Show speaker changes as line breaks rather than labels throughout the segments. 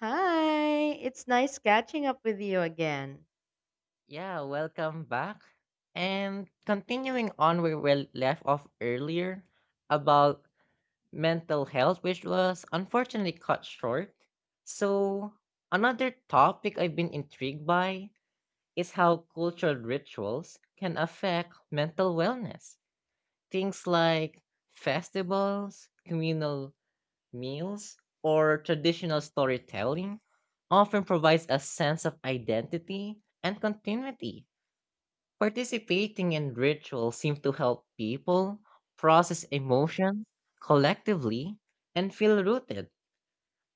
Hi, it's nice catching up with you again.
Yeah, welcome back. And continuing on where we left off earlier about mental health, which was unfortunately cut short. So, another topic I've been intrigued by is how cultural rituals can affect mental wellness. Things like festivals, communal meals, or traditional storytelling often provides a sense of identity and continuity. Participating in rituals seem to help people process emotions collectively and feel rooted.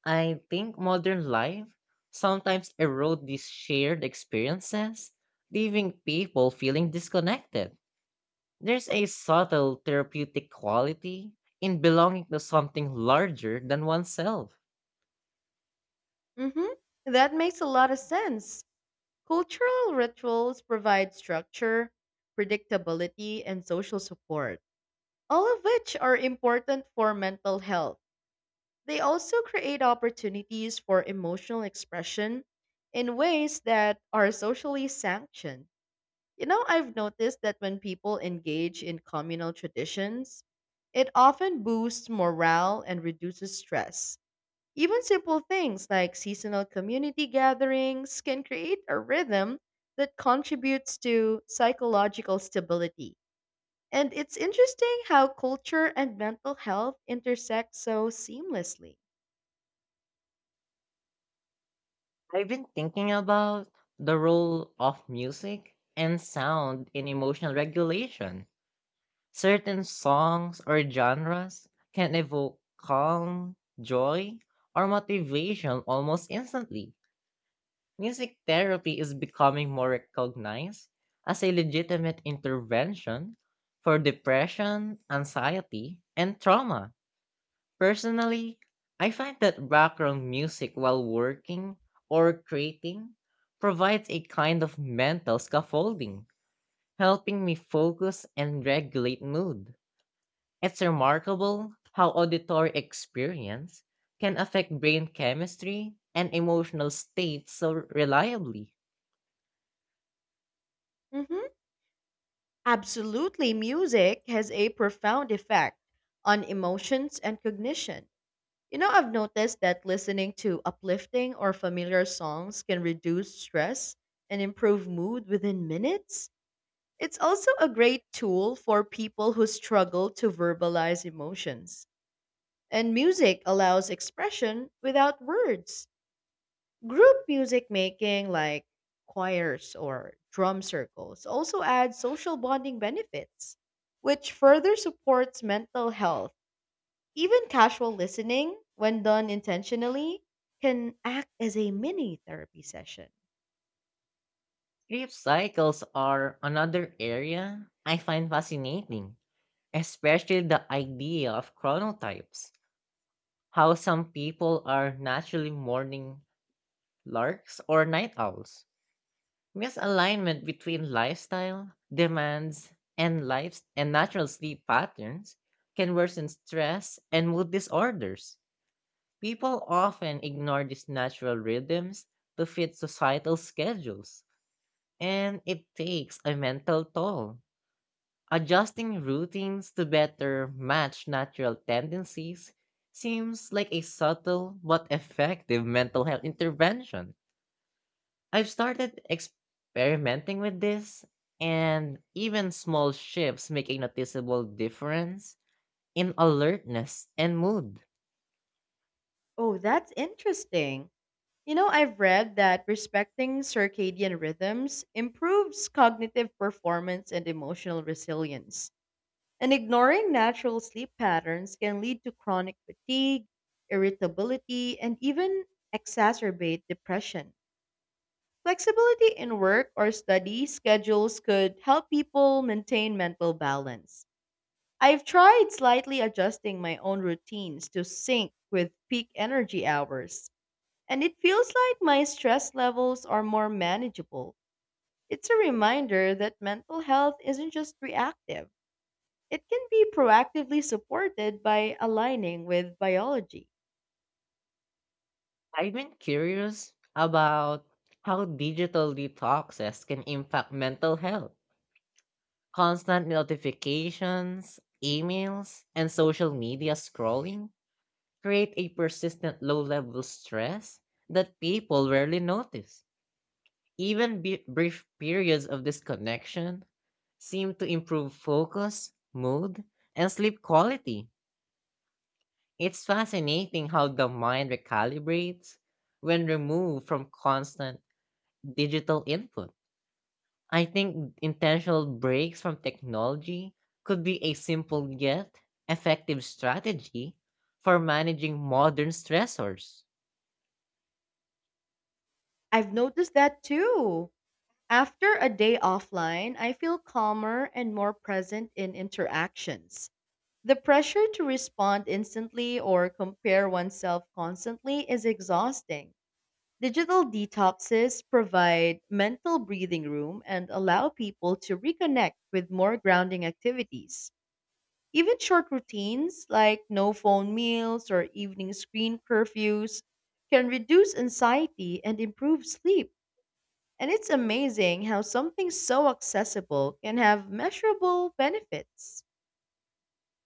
I think modern life sometimes erodes these shared experiences, leaving people feeling disconnected. There's a subtle therapeutic quality in belonging to something larger than oneself.
Mm-hmm. That makes a lot of sense. Cultural rituals provide structure, predictability, and social support, all of which are important for mental health. They also create opportunities for emotional expression in ways that are socially sanctioned. You know, I've noticed that when people engage in communal traditions, it often boosts morale and reduces stress. Even simple things like seasonal community gatherings can create a rhythm that contributes to psychological stability. And it's interesting how culture and mental health intersect so seamlessly.
I've been thinking about the role of music and sound in emotional regulation. Certain songs or genres can evoke calm, joy, or motivation almost instantly. Music therapy is becoming more recognized as a legitimate intervention for depression, anxiety, and trauma. Personally, I find that background music while working or creating provides a kind of mental scaffolding, helping me focus and regulate mood. It's remarkable how auditory experience can affect brain chemistry and emotional states so reliably.
Mhm. Absolutely, music has a profound effect on emotions and cognition. You know, I've noticed that listening to uplifting or familiar songs can reduce stress and improve mood within minutes. It's also a great tool for people who struggle to verbalize emotions. And music allows expression without words. Group music making, like choirs or drum circles, also adds social bonding benefits, which further supports mental health. Even casual listening, when done intentionally, can act as a mini therapy session.
Sleep cycles are another area I find fascinating, especially the idea of chronotypes, how some people are naturally morning larks or night owls. Misalignment between lifestyle, demands, and life and natural sleep patterns can worsen stress and mood disorders. People often ignore these natural rhythms to fit societal schedules, and it takes a mental toll. Adjusting routines to better match natural tendencies seems like a subtle but effective mental health intervention. I've started experimenting with this, and even small shifts make a noticeable difference in alertness and mood.
Oh, that's interesting. You know, I've read that respecting circadian rhythms improves cognitive performance and emotional resilience. And ignoring natural sleep patterns can lead to chronic fatigue, irritability, and even exacerbate depression. Flexibility in work or study schedules could help people maintain mental balance. I've tried slightly adjusting my own routines to sync with peak energy hours, and it feels like my stress levels are more manageable. It's a reminder that mental health isn't just reactive, it can be proactively supported by aligning with biology.
I've been curious about how digital detoxes can impact mental health. Constant notifications, emails, and social media scrolling create a persistent low level stress that people rarely notice. Even brief periods of disconnection seem to improve focus, mood, and sleep quality. It's fascinating how the mind recalibrates when removed from constant digital input. I think intentional breaks from technology could be a simple yet effective strategy for managing modern stressors.
I've noticed that too. After a day offline, I feel calmer and more present in interactions. The pressure to respond instantly or compare oneself constantly is exhausting. Digital detoxes provide mental breathing room and allow people to reconnect with more grounding activities. Even short routines like no phone meals or evening screen curfews can reduce anxiety and improve sleep. And it's amazing how something so accessible can have measurable benefits.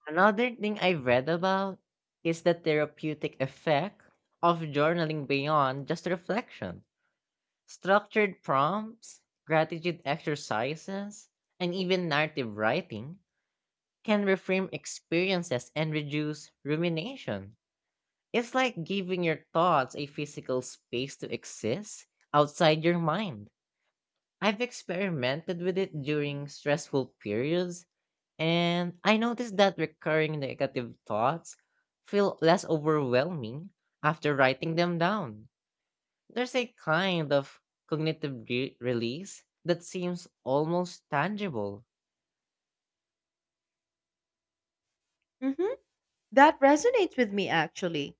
Another thing I've read about is the therapeutic effect of journaling beyond just reflection. Structured prompts, gratitude exercises, and even narrative writing can reframe experiences and reduce rumination. It's like giving your thoughts a physical space to exist outside your mind. I've experimented with it during stressful periods, and I noticed that recurring negative thoughts feel less overwhelming after writing them down. There's a kind of cognitive release that seems almost tangible.
Mhm. That resonates with me actually.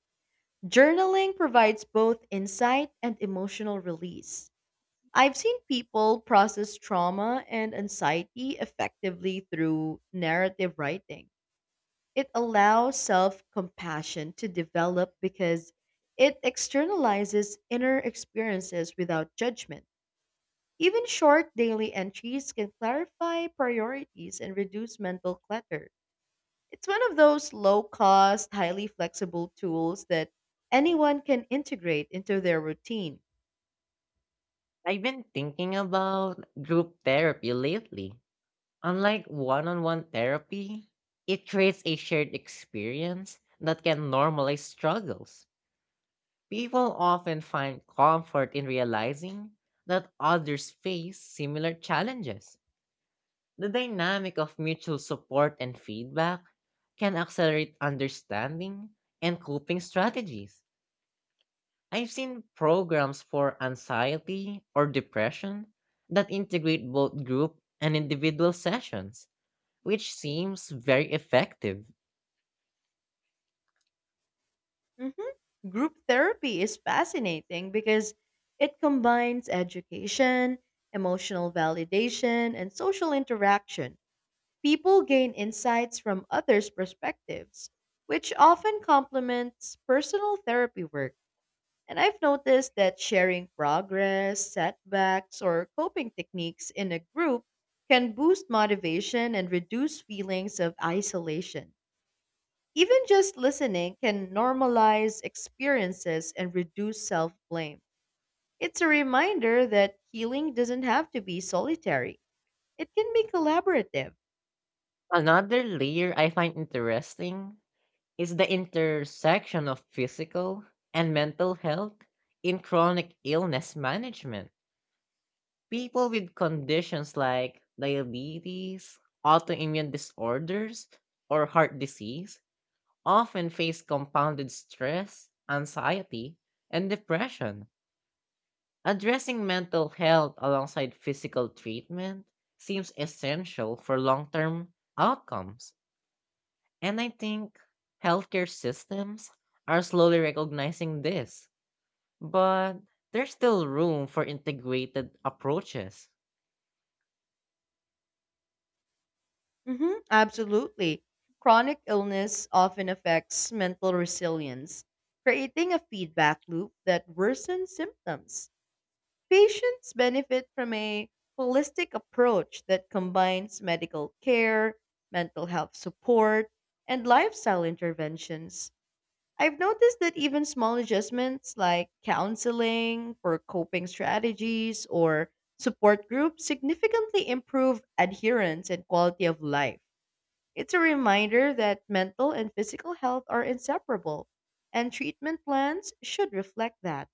Journaling provides both insight and emotional release. I've seen people process trauma and anxiety effectively through narrative writing. It allows self compassion to develop because it externalizes inner experiences without judgment. Even short daily entries can clarify priorities and reduce mental clutter. It's one of those low cost, highly flexible tools that anyone can integrate into their routine.
I've been thinking about group therapy lately. Unlike one on one therapy, it creates a shared experience that can normalize struggles. People often find comfort in realizing that others face similar challenges. The dynamic of mutual support and feedback can accelerate understanding and coping strategies. I've seen programs for anxiety or depression that integrate both group and individual sessions which seems very effective.
Mhm. Group therapy is fascinating because it combines education, emotional validation, and social interaction. People gain insights from others' perspectives, which often complements personal therapy work. And I've noticed that sharing progress, setbacks, or coping techniques in a group can boost motivation and reduce feelings of isolation. Even just listening can normalize experiences and reduce self blame. It's a reminder that healing doesn't have to be solitary, it can be collaborative.
Another layer I find interesting is the intersection of physical and mental health in chronic illness management. People with conditions like diabetes, autoimmune disorders, or heart disease often face compounded stress, anxiety, and depression. Addressing mental health alongside physical treatment seems essential for long term outcomes. And I think healthcare systems are slowly recognizing this, but there's still room for integrated approaches.
Hmm, absolutely. Chronic illness often affects mental resilience, creating a feedback loop that worsens symptoms. Patients benefit from a holistic approach that combines medical care, mental health support, and lifestyle interventions. I've noticed that even small adjustments like counseling for coping strategies or support groups significantly improve adherence and quality of life. It's a reminder that mental and physical health are inseparable, and treatment plans should reflect that.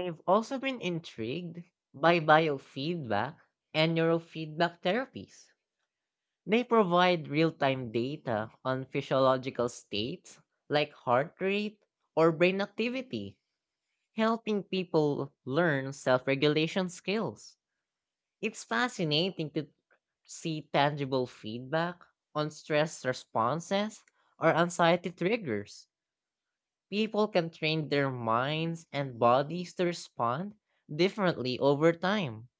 I've also been intrigued by biofeedback and neurofeedback therapies. They provide real time data on physiological states like heart rate or brain activity helping people learn self regulation skills. It's fascinating to see tangible feedback on stress responses or anxiety triggers. People can train their minds and bodies to respond differently over time,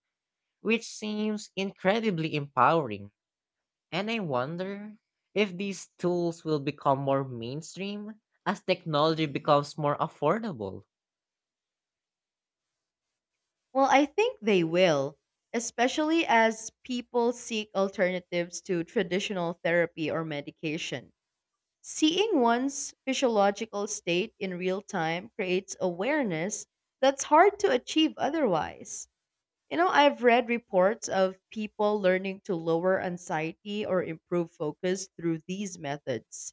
which seems incredibly empowering. And I wonder if these tools will become more mainstream as technology becomes more affordable.
Well, I think they will, especially as people seek alternatives to traditional therapy or medication. Seeing one's physiological state in real time creates awareness that's hard to achieve otherwise. You know, I've read reports of people learning to lower anxiety or improve focus through these methods.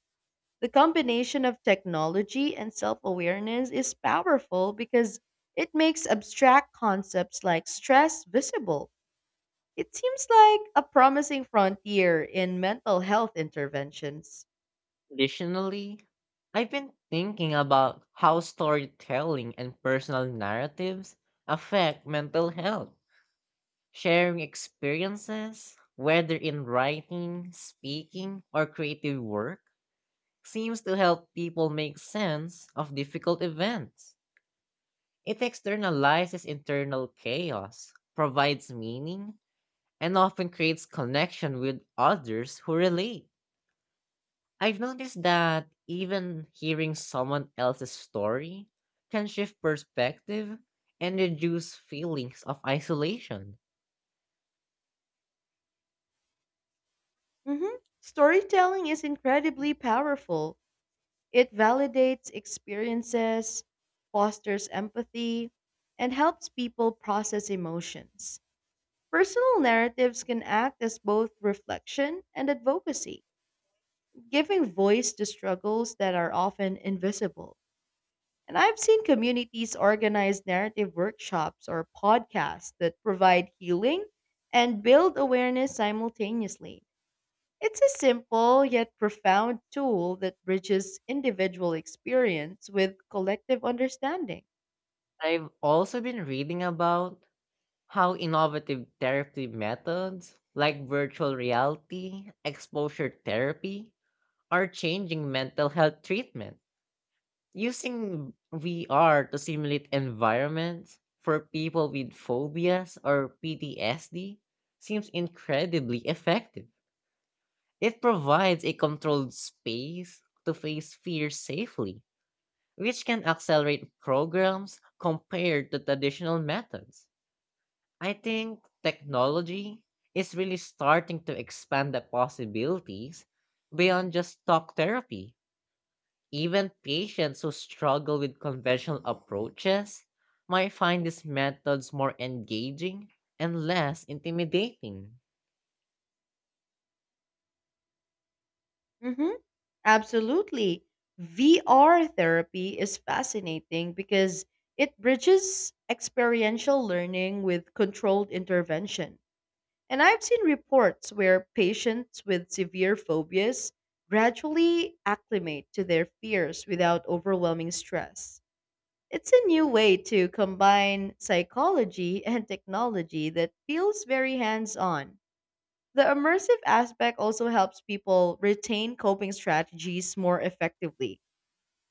The combination of technology and self awareness is powerful because it makes abstract concepts like stress visible. It seems like a promising frontier in mental health interventions.
Additionally, I've been thinking about how storytelling and personal narratives affect mental health. Sharing experiences, whether in writing, speaking, or creative work, seems to help people make sense of difficult events. It externalizes internal chaos, provides meaning, and often creates connection with others who relate. I've noticed that even hearing someone else's story can shift perspective and reduce feelings of isolation.
Mhm. Storytelling is incredibly powerful. It validates experiences, fosters empathy, and helps people process emotions. Personal narratives can act as both reflection and advocacy, giving voice to struggles that are often invisible. And I've seen communities organize narrative workshops or podcasts that provide healing and build awareness simultaneously. It's a simple yet profound tool that bridges individual experience with collective understanding.
I've also been reading about how innovative therapy methods like virtual reality, exposure therapy, are changing mental health treatment. Using VR to simulate environments for people with phobias or PTSD seems incredibly effective. It provides a controlled space to face fear safely, which can accelerate programs compared to traditional methods. I think technology is really starting to expand the possibilities beyond just talk therapy. Even patients who struggle with conventional approaches might find these methods more engaging and less intimidating.
Hmm, absolutely. VR therapy is fascinating because it bridges experiential learning with controlled intervention. And I've seen reports where patients with severe phobias gradually acclimate to their fears without overwhelming stress. It's a new way to combine psychology and technology that feels very hands on. The immersive aspect also helps people retain coping strategies more effectively.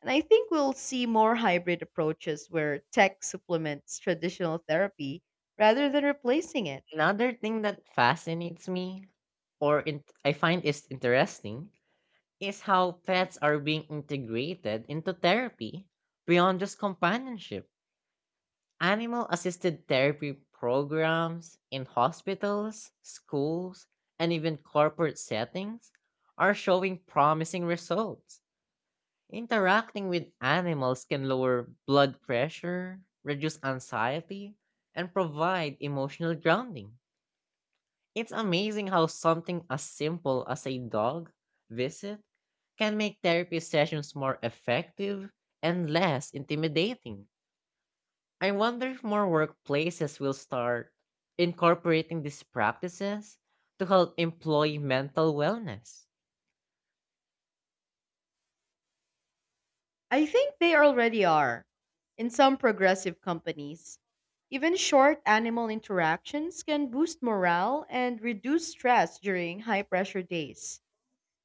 And I think we'll see more hybrid approaches where tech supplements traditional therapy rather than replacing it.
Another thing that fascinates me I find is interesting is how pets are being integrated into therapy beyond just companionship. Animal assisted therapy programs in hospitals, schools, and even corporate settings are showing promising results. Interacting with animals can lower blood pressure, reduce anxiety, and provide emotional grounding. It's amazing how something as simple as a dog visit can make therapy sessions more effective and less intimidating. I wonder if more workplaces will start incorporating these practices to help employee mental wellness.
I think they already are in some progressive companies. Even short animal interactions can boost morale and reduce stress during high pressure days.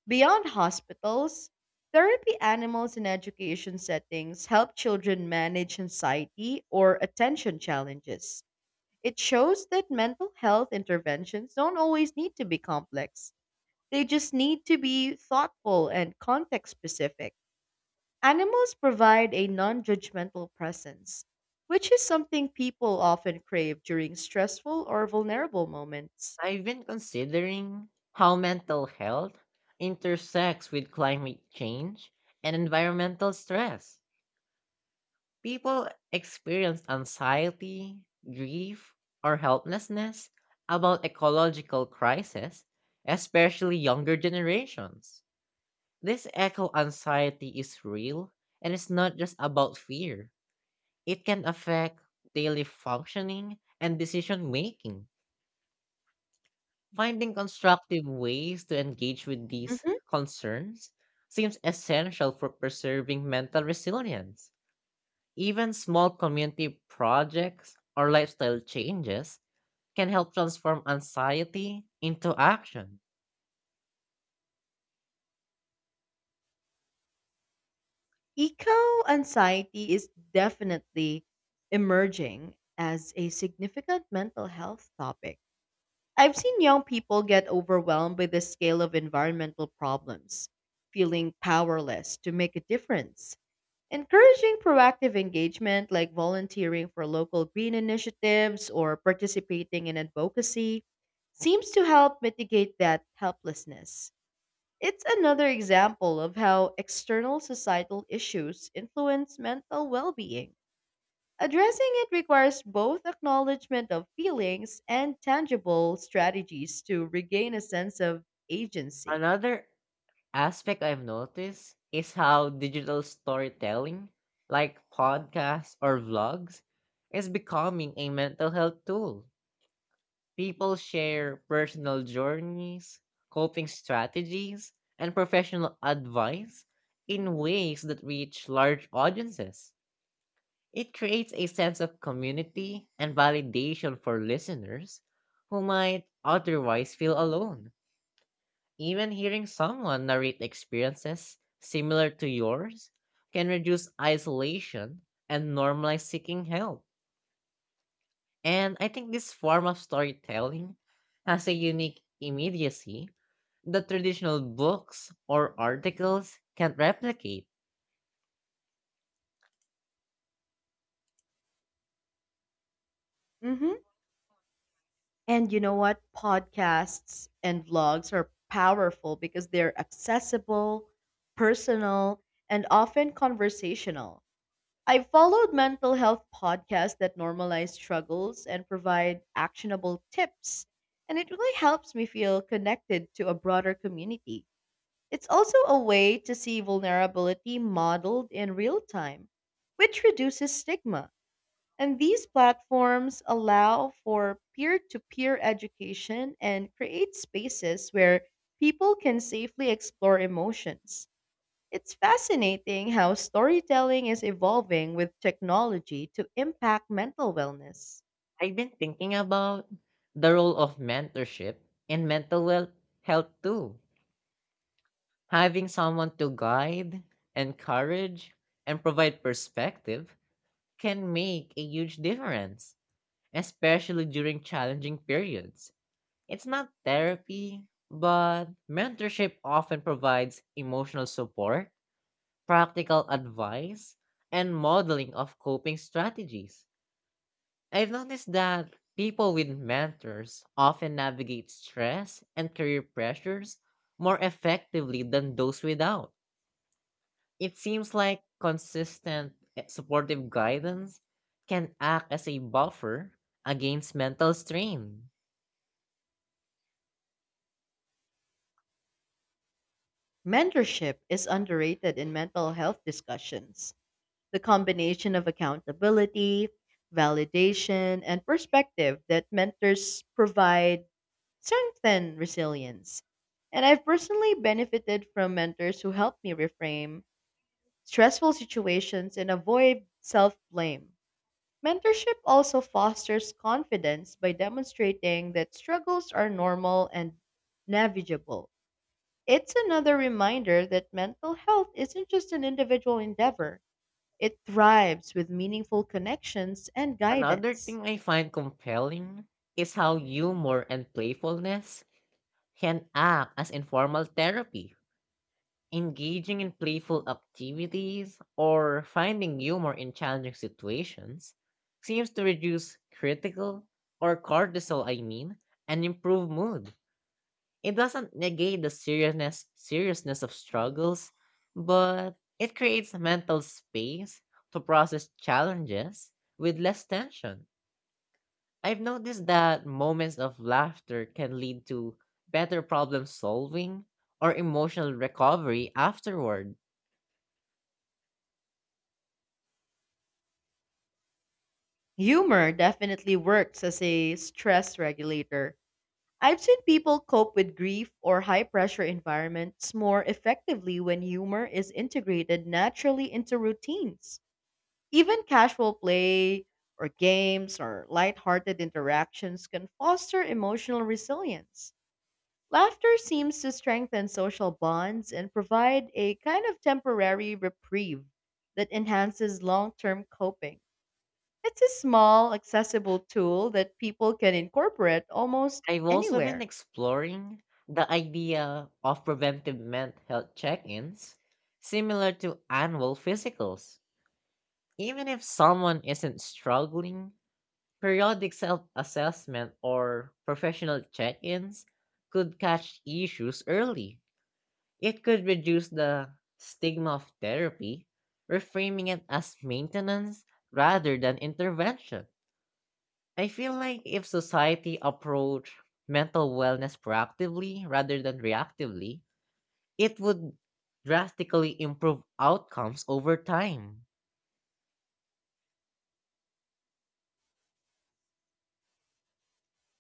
Beyond hospitals, therapy animals in education settings help children manage anxiety or attention challenges. It shows that mental health interventions don't always need to be complex, they just need to be thoughtful and context specific. Animals provide a non judgmental presence, which is something people often crave during stressful or vulnerable moments.
I've been considering how mental health intersects with climate change and environmental stress. People experience anxiety, grief, or helplessness about ecological crisis, especially younger generations. This eco anxiety is real and it's not just about fear. It can affect daily functioning and decision making. Finding constructive ways to engage with these concerns seems essential for preserving mental resilience. Even small community projects or lifestyle changes can help transform anxiety into action.
Eco anxiety is definitely emerging as a significant mental health topic. I've seen young people get overwhelmed by the scale of environmental problems, feeling powerless to make a difference. Encouraging proactive engagement like volunteering for local green initiatives or participating in advocacy seems to help mitigate that helplessness. It's another example of how external societal issues influence mental well being. Addressing it requires both acknowledgement of feelings and tangible strategies to regain a sense of agency.
Another aspect I've noticed is how digital storytelling, like podcasts or vlogs, is becoming a mental health tool. People share personal journeys, coping strategies, and professional advice in ways that reach large audiences. It creates a sense of community and validation for listeners who might otherwise feel alone. Even hearing someone narrate experiences similar to yours can reduce isolation and normalize seeking help. And I think this form of storytelling has a unique immediacy that traditional books or articles can't replicate.
Hmm. And you know what? Podcasts and vlogs are powerful because they're accessible, personal, and often conversational. I followed mental health podcasts that normalize struggles and provide actionable tips, and it really helps me feel connected to a broader community. It's also a way to see vulnerability modeled in real time, which reduces stigma. And these platforms allow for peer to peer education and create spaces where people can safely explore emotions. It's fascinating how storytelling is evolving with technology to impact mental wellness.
I've been thinking about the role of mentorship in mental health too. Having someone to guide, encourage, and provide perspective can make a huge difference, especially during challenging periods. It's not therapy, but mentorship often provides emotional support, practical advice, and modeling of coping strategies. I've noticed that people with mentors often navigate stress and career pressures more effectively than those without. It seems like consistent supportive guidance can act as a buffer against mental strain.
Mentorship is underrated in mental health discussions. The combination of accountability, validation, and perspective that mentors provide strengthen resilience. And I've personally benefited from mentors who helped me reframe stressful situations and avoid self blame. Mentorship also fosters confidence by demonstrating that struggles are normal and navigable. It's another reminder that mental health isn't just an individual endeavor, it thrives with meaningful connections and
Another
guidance.
thing I find compelling is how humor and playfulness can act as informal therapy. Engaging in playful activities or finding humor in challenging situations seems to reduce critical or cortisol, and improve mood. It doesn't negate the seriousness of struggles, but it creates mental space to process challenges with less tension. I've noticed that moments of laughter can lead to better problem solving or emotional recovery afterward.
Humor definitely works as a stress regulator. I've seen people cope with grief or high pressure environments more effectively when humor is integrated naturally into routines. Even casual play or games or lighthearted interactions can foster emotional resilience. Laughter seems to strengthen social bonds and provide a kind of temporary reprieve that enhances long term coping. It's a small, accessible tool that people can incorporate almost
I've also been
anywhere.
exploring the idea of preventive mental health check ins, similar to annual physicals. Even if someone isn't struggling, periodic self assessment or professional check ins could catch issues early. It could reduce the stigma of therapy, reframing it as maintenance rather than intervention. I feel like if society approached mental wellness proactively rather than reactively, it would drastically improve outcomes over time.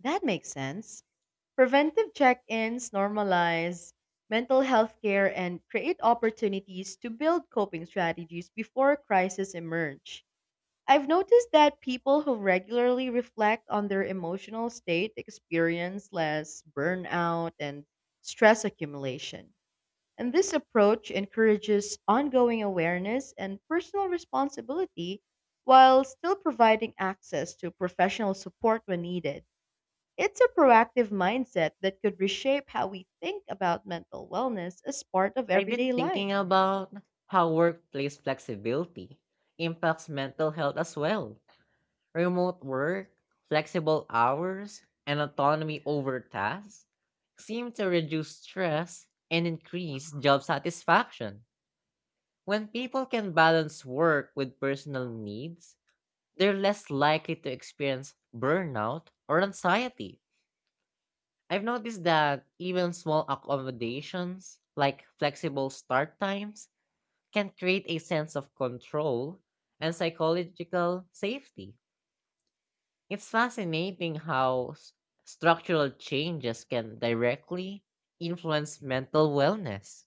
That makes sense. Preventive check ins normalize mental health care and create opportunities to build coping strategies before crises emerge. I've noticed that people who regularly reflect on their emotional state experience less burnout and stress accumulation. And this approach encourages ongoing awareness and personal responsibility while still providing access to professional support when needed. It's a proactive mindset that could reshape how we think about mental wellness as part of
I've been
everyday life.
thinking about how workplace flexibility impacts mental health as well. Remote work, flexible hours, and autonomy over tasks seem to reduce stress and increase job satisfaction. When people can balance work with personal needs, they're less likely to experience burnout or anxiety. I've noticed that even small accommodations, like flexible start times, can create a sense of control and psychological safety. It's fascinating how structural changes can directly influence mental wellness.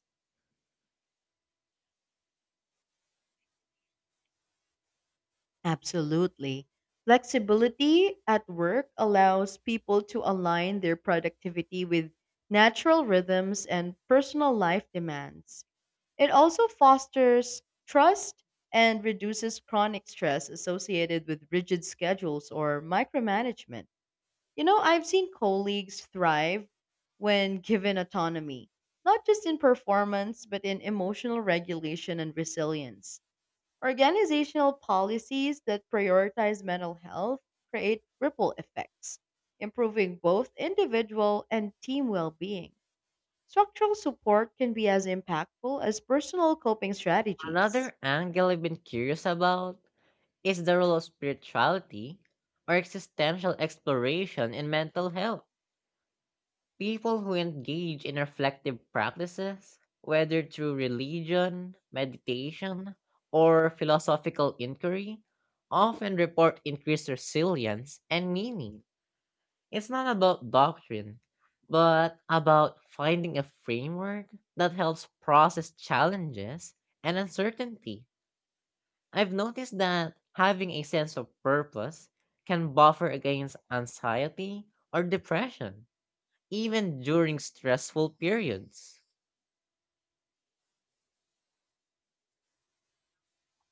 Absolutely. Flexibility at work allows people to align their productivity with natural rhythms and personal life demands. It also fosters trust and reduces chronic stress associated with rigid schedules or micromanagement. You know, I've seen colleagues thrive when given autonomy, not just in performance, but in emotional regulation and resilience. Organizational policies that prioritize mental health create ripple effects, improving both individual and team well being. Structural support can be as impactful as personal coping strategies.
Another angle I've been curious about is the role of spirituality or existential exploration in mental health. People who engage in reflective practices, whether through religion, meditation, or philosophical inquiry, often report increased resilience and meaning. It's not about doctrine, but about finding a framework that helps process challenges and uncertainty. I've noticed that having a sense of purpose can buffer against anxiety or depression even during stressful periods.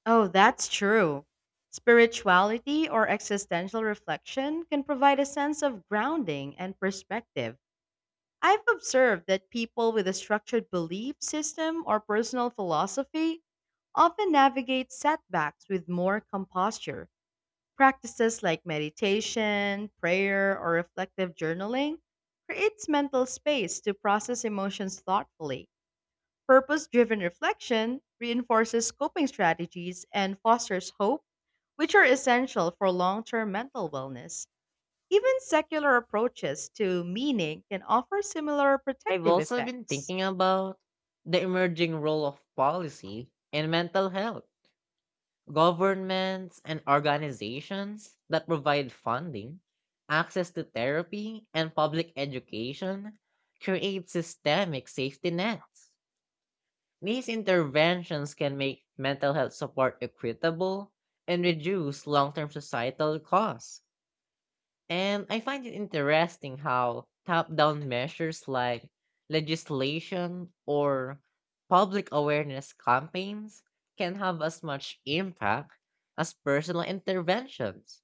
Oh, that's true. Spirituality or existential reflection can provide a sense of grounding and perspective. I've observed that people with a structured belief system or personal philosophy often navigate setbacks with more composure. Practices like meditation, prayer, or reflective journaling creates mental space to process emotions thoughtfully. Purpose driven reflection reinforces coping strategies and fosters hope, which are essential for long term mental wellness. Even secular approaches to meaning can offer similar
I've
protective
also been
effects.
thinking about the emerging role of policy in mental health. Governments and organizations that provide funding, access to therapy, and public education create systemic safety nets. These interventions can make mental health support equitable and reduce long term societal costs. And I find it interesting how top down measures like legislation or public awareness campaigns can have as much impact as personal interventions.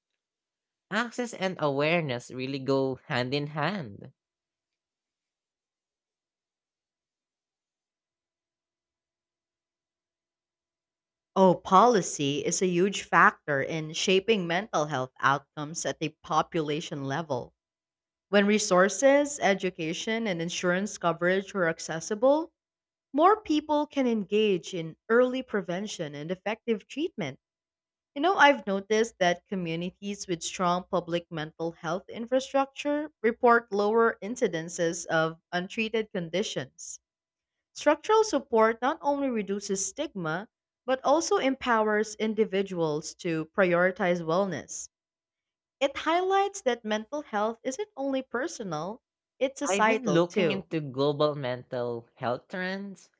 Access and awareness really go hand in hand.
Oh, policy is a huge factor in shaping mental health outcomes at the population level. When resources, education, and insurance coverage are accessible, more people can engage in early prevention and effective treatment. You know, I've noticed that communities with strong public mental health infrastructure report lower incidences of untreated conditions. Structural support not only reduces stigma, but also empowers individuals to prioritize wellness. It highlights that mental health isn't only personal, it's
I've been
societal
looking
too.
into global mental health trends,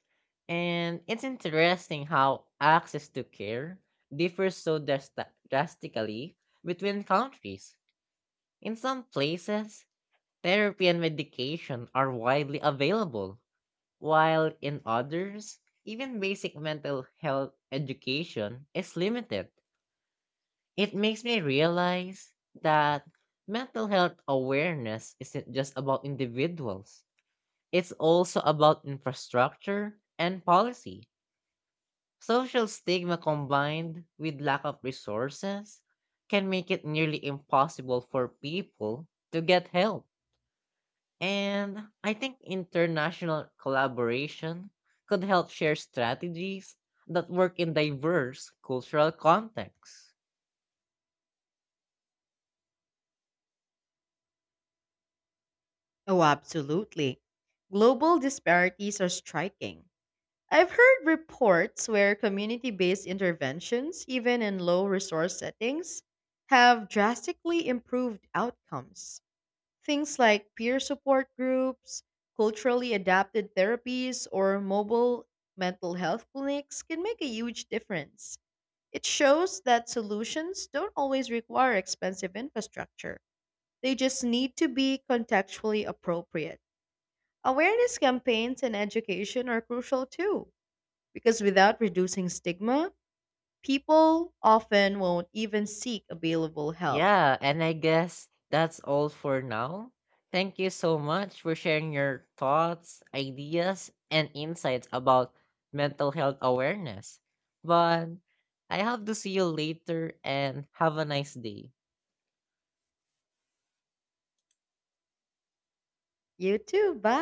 and it's interesting how access to care differs so drastically between countries. In some places, therapy and medication are widely available, while in others, even basic mental health education is limited. It makes me realize that mental health awareness isn't just about individuals, it's also about infrastructure and policy. Social stigma combined with lack of resources can make it nearly impossible for people to get help. And I think international collaboration could help share strategies that work in diverse cultural contexts.
Oh, absolutely. Global disparities are striking. I've heard reports where community based interventions, even in low resource settings, have drastically improved outcomes. Things like peer support groups, culturally adapted therapies, or mobile mental health clinics can make a huge difference. It shows that solutions don't always require expensive infrastructure, they just need to be contextually appropriate. Awareness campaigns and education are crucial too, because without reducing stigma, people often won't even seek available help.
Yeah, and I guess that's all for now. Thank you so much for sharing your thoughts, ideas, and insights about mental health awareness. But I have to see you later and have a nice day.
You too.